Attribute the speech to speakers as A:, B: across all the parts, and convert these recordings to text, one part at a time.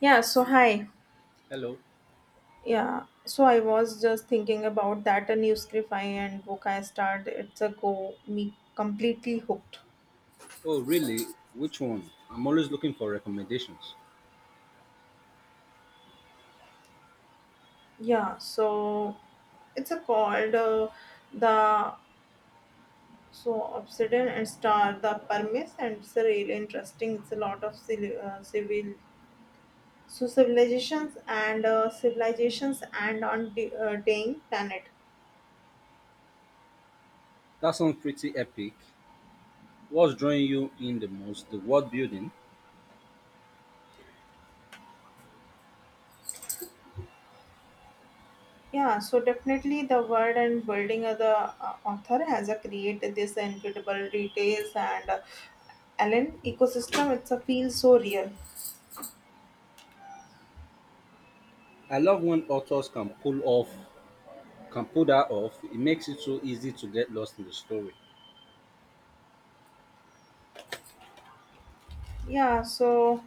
A: Hi.
B: Hello.
A: I was just thinking about that a new scrifi and book I started. It's a go me completely hooked.
B: Oh, really? Which one? I'm always looking for recommendations.
A: Yeah, so it's a called the so Obsidian and Star the Permis and it's a really interesting. It's a lot of civil, civil civilizations and civilizations and on the dying planet.
B: That sounds pretty epic. What's drawing you in the most? The world building.
A: Definitely the word and building of the author has a created this incredible details and Allen ecosystem. It's a feel so real.
B: I love when authors can pull off, can pull that off. It makes it so easy to get lost in the story.
A: Yeah, so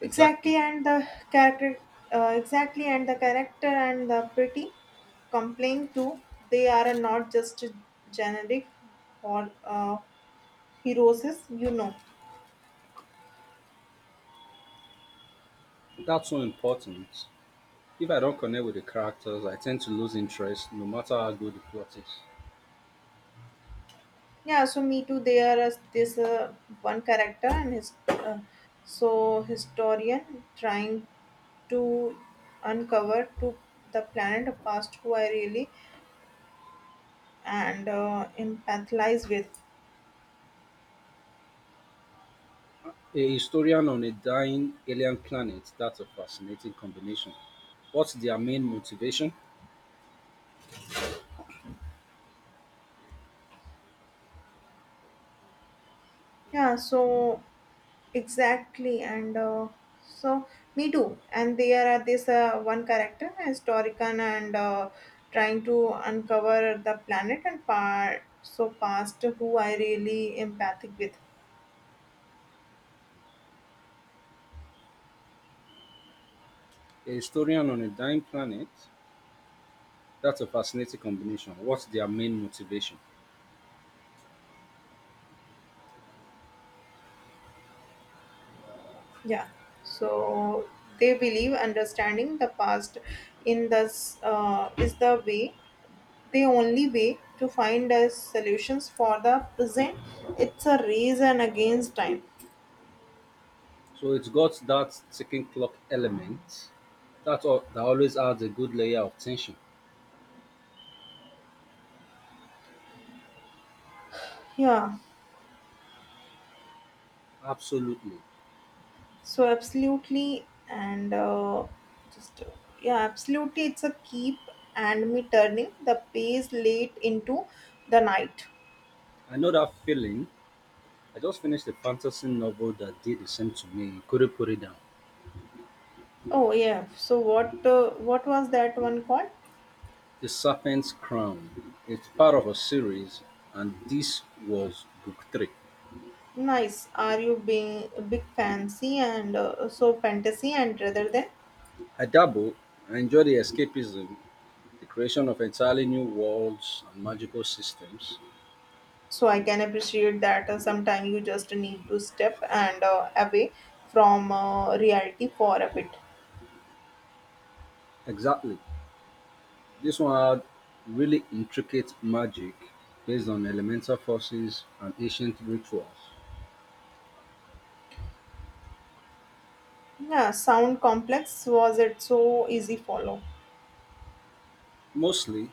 A: exactly
B: Exactly.
A: and the character, exactly and the character and the pretty complaint too. They are not just generic or heroes. You know.
B: That's so important. If I don't connect with the characters, I tend to lose interest, no matter how good the plot is.
A: Me too. They are this one character and his uh, historian trying to uncover to the planet past who I really and empathize with.
B: A historian on a dying alien planet. That's a fascinating combination. What's their main motivation?
A: Yeah, so exactly, and so me too. And there are this one character, historian, and trying to uncover the planet and part so past who I really empathic with.
B: A historian on a dying planet? That's a fascinating combination. What's their main motivation?
A: Yeah, so they believe understanding the past in this is the way the only way to find a solutions for the present, it's a race and against time.
B: So it's got that ticking clock element that always adds a good layer of tension.
A: yeah
B: Absolutely.
A: absolutely and just yeah absolutely it's a keep and me turning the pace late into the night.
B: I know that feeling. I just finished a fantasy novel that did the same to me. Couldn't put it down.
A: Oh what was that one called?
B: The Serpent's Crown. It's part of a series, and this was book three.
A: Nice, are you being big fancy and fantasy and rather than
B: I dabble. I enjoy the escapism, the creation of entirely new worlds and magical systems.
A: I can appreciate that, sometimes you just need to step and away from reality for a bit.
B: Exactly. This one had really intricate magic based on elemental forces and ancient rituals.
A: Yeah, sound complex, was it so easy follow?
B: Mostly,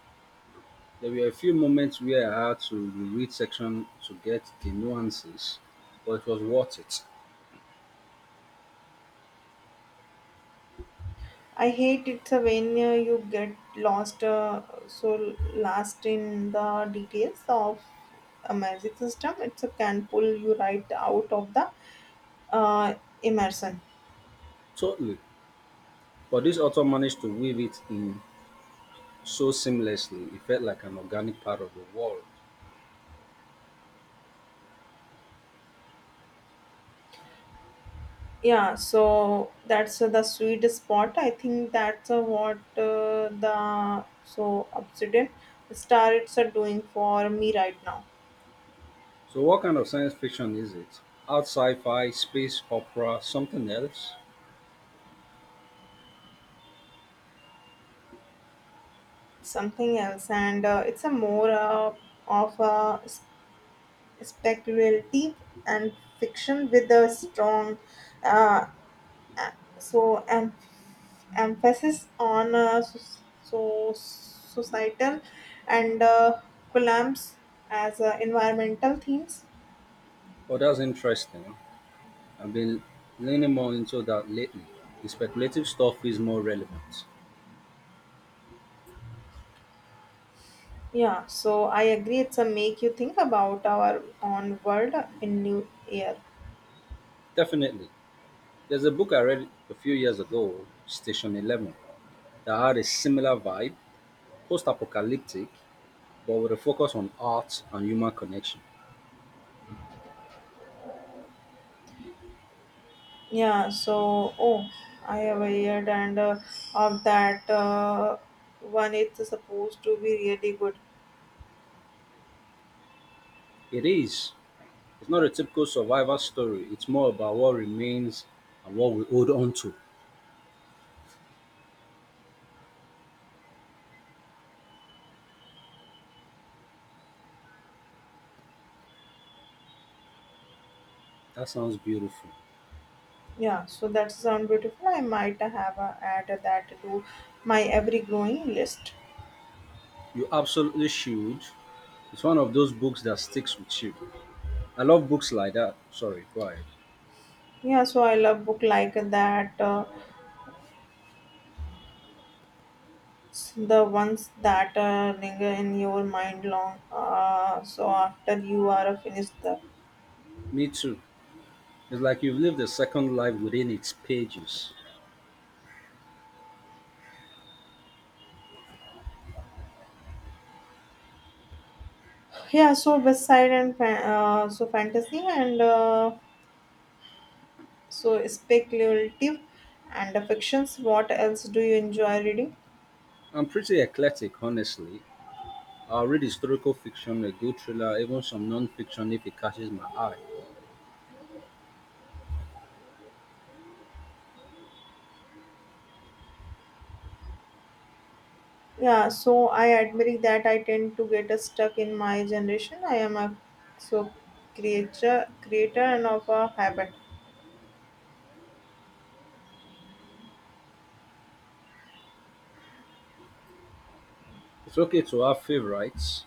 B: there were a few moments where I had to reread section to get the nuances, but it was worth it.
A: I hate it when you get lost, last in the details of a magic system, it can pull you right out of the uh, immersion.
B: Totally. But this author managed to weave it in so seamlessly, it felt like an organic part of the world.
A: That's the sweet spot. I think that's what the obsidian stars are doing for me right now.
B: So, what kind of science fiction is it? Art sci fi, space opera, something else?
A: Something else, and it's a more of a speculative and fiction with a strong uh, a- so em- emphasis on societal and collapse as environmental themes.
B: Oh, that's interesting. I've been leaning more into that lately. The speculative stuff is more relevant.
A: I agree. It's a make you think about our own world in new year.
B: Definitely. There's a book I read a few years ago, Station 11, that had a similar vibe, post apocalyptic, but with a focus on art and human connection.
A: Oh, I have a year and of that one. It's supposed to be really good.
B: It is. It's not a typical survivor story, it's more about what remains and what we hold on to. That sounds beautiful.
A: That sound beautiful. I might have add that to my every growing list.
B: You absolutely should. It's one of those books that sticks with you. I love books like that. Sorry, go ahead.
A: I love book like that. The ones that linger in your mind long. After you are finished the
B: Me too. It's like you've lived a second life within its pages.
A: west side and fantasy and speculative and fictions, what else do you enjoy reading?
B: I'm pretty eclectic, honestly. I'll read historical fiction, a good thriller, even some non-fiction if it catches my eye.
A: I admit that I tend to get stuck in my generation. I am a so creature creator and of a habit.
B: It's okay to have favorites.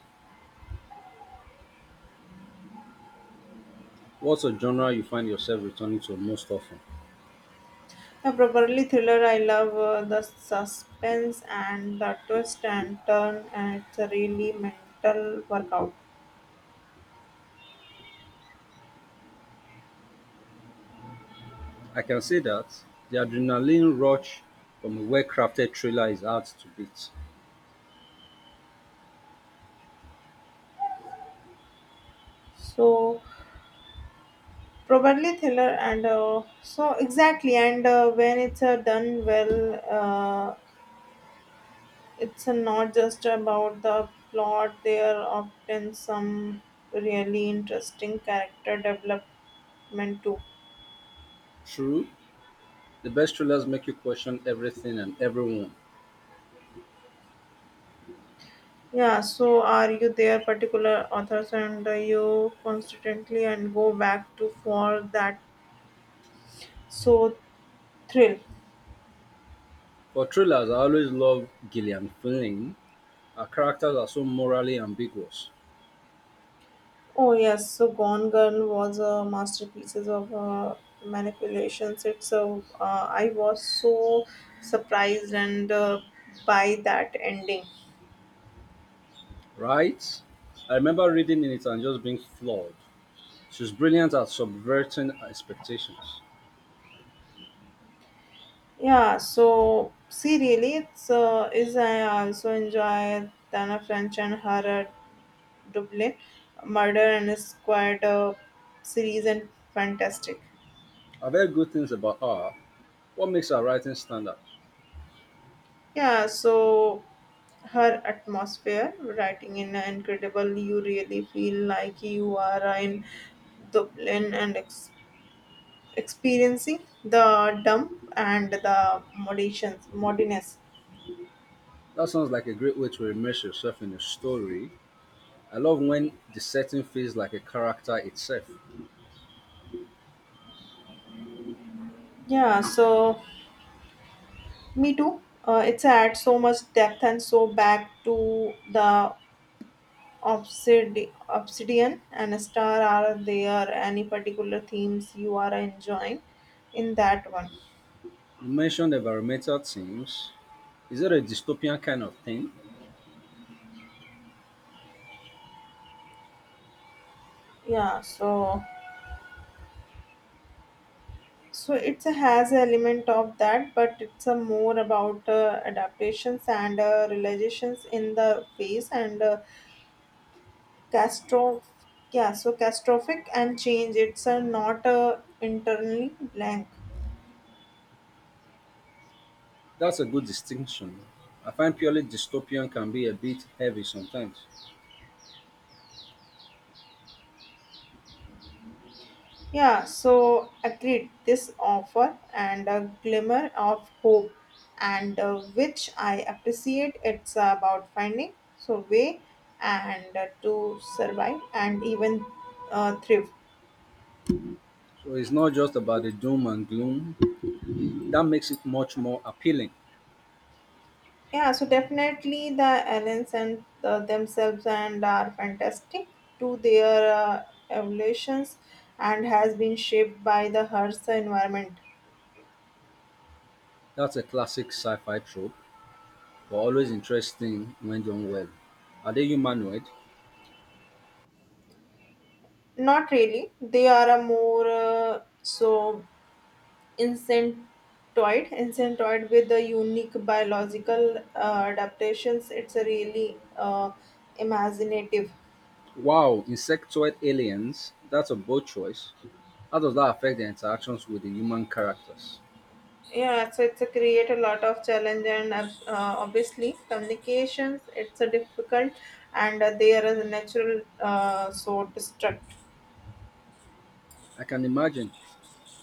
B: What's a genre you find yourself returning to most often?
A: A properly thriller, I love the suspense and the twist and turn, and it's a really mental workout.
B: I can say that the adrenaline rush from a well-crafted thriller is hard to beat.
A: so Probably thriller, and exactly, and when it's done well, it's not just about the plot. There are often some really interesting character development too.
B: True, the best thrillers make you question everything and everyone.
A: Are you there particular authors and you constantly and go back to for that so thrill?
B: For thrillers, I always love Gillian Flynn. Her characters are so morally ambiguous.
A: Oh yes, so Gone Gun was a masterpiece of manipulations. It's a I was so surprised and by that ending.
B: Right? I remember reading in it and just being floored. She's brilliant at subverting expectations.
A: See, really, it's is, I also enjoy Tana French and her Dublin Murder and Squad series and fantastic.
B: I've heard good things about her. What makes her writing stand out?
A: Yeah, so her atmosphere, writing in incredible, you really feel like you are in Dublin and experiencing the dump and the moderations, modiness.
B: That sounds like a great way to immerse yourself in a story. I love when the setting feels like a character itself.
A: Yeah, so me too. It's had so much depth and so back to the obsidian and a star. Are there any particular themes you are enjoying in that one?
B: You mentioned environmental themes. Is it a dystopian kind of thing?
A: Yeah, so it has element of that but it's a more about adaptations and realizations in the face and castro yeah so catastrophic and change, it's not internally blank.
B: That's a good distinction. I find purely dystopian can be a bit heavy sometimes.
A: Agreed, this offer and a glimmer of hope and which I appreciate, it's about finding so way and to survive and even thrive.
B: So it's not just about the doom and gloom, that makes it much more appealing.
A: Definitely the aliens and the, themselves and are fantastic to their evolutions and has been shaped by the Earth's environment.
B: That's a classic sci-fi trope, but always interesting when done well. Are they humanoid?
A: Not really. They are a more incentoid, incentoid with the unique biological adaptations. It's a really imaginative.
B: Wow, insectoid aliens. That's a bold choice. How does that affect their interactions with the human characters?
A: It's a create a lot of challenge and obviously communications, it's a difficult and they are a natural destruct.
B: I can imagine.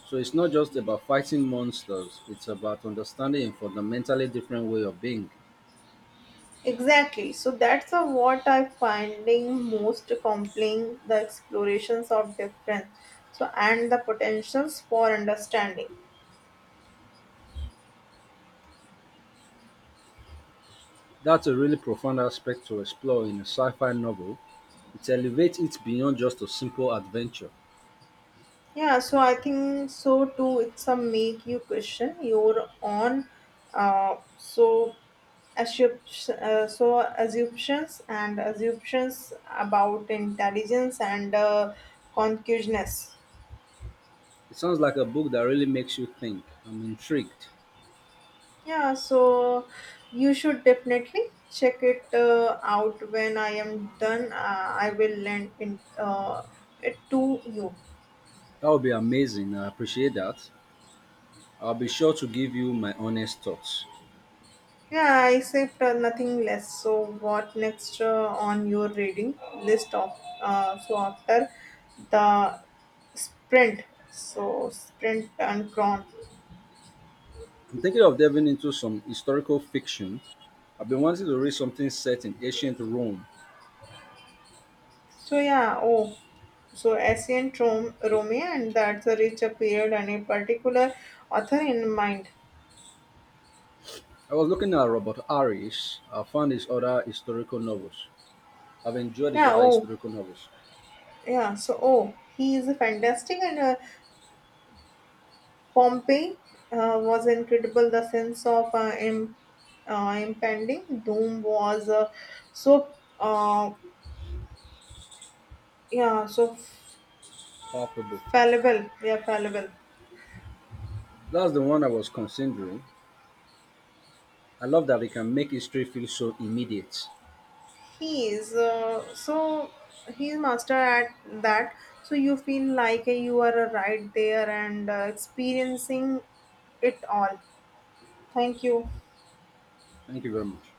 B: So it's not just about fighting monsters, it's about understanding a fundamentally different way of being.
A: Exactly, that's a, what I finding most compelling, the explorations of difference and the potentials for understanding.
B: That's a really profound aspect to explore in a sci fi novel. It elevates it beyond just a simple adventure.
A: I think so too, it's a make you question your own uh, so assumptions about intelligence and consciousness.
B: It sounds like a book that really makes you think. I'm intrigued.
A: Yeah, so you should definitely check it out. When I am done, I will lend in, it to you.
B: That would be amazing. I appreciate that. I'll be sure to give you my honest thoughts.
A: Yeah, I saved nothing less. So what next on your reading list of after the sprint sprint and cron.
B: I'm thinking of diving into some historical fiction. I've been wanting to read something set in ancient Rome.
A: So yeah, oh, so ancient Rome, Romeo, and that's a rich period and a particular author in mind.
B: I was looking at Robert Harris. I found his other historical novels. I've enjoyed his
A: Yeah,
B: other
A: oh,
B: historical novels.
A: yeah. So oh, he is fantastic, and Pompey was incredible. The sense of impending doom was so uh, yeah, so
B: Powerful book.
A: fallible. Yeah, fallible.
B: That's the one I was considering. I love that it can make history feel so immediate.
A: He is he's master at that, so you feel like you are right there and experiencing it all. Thank you.
B: Thank you very much.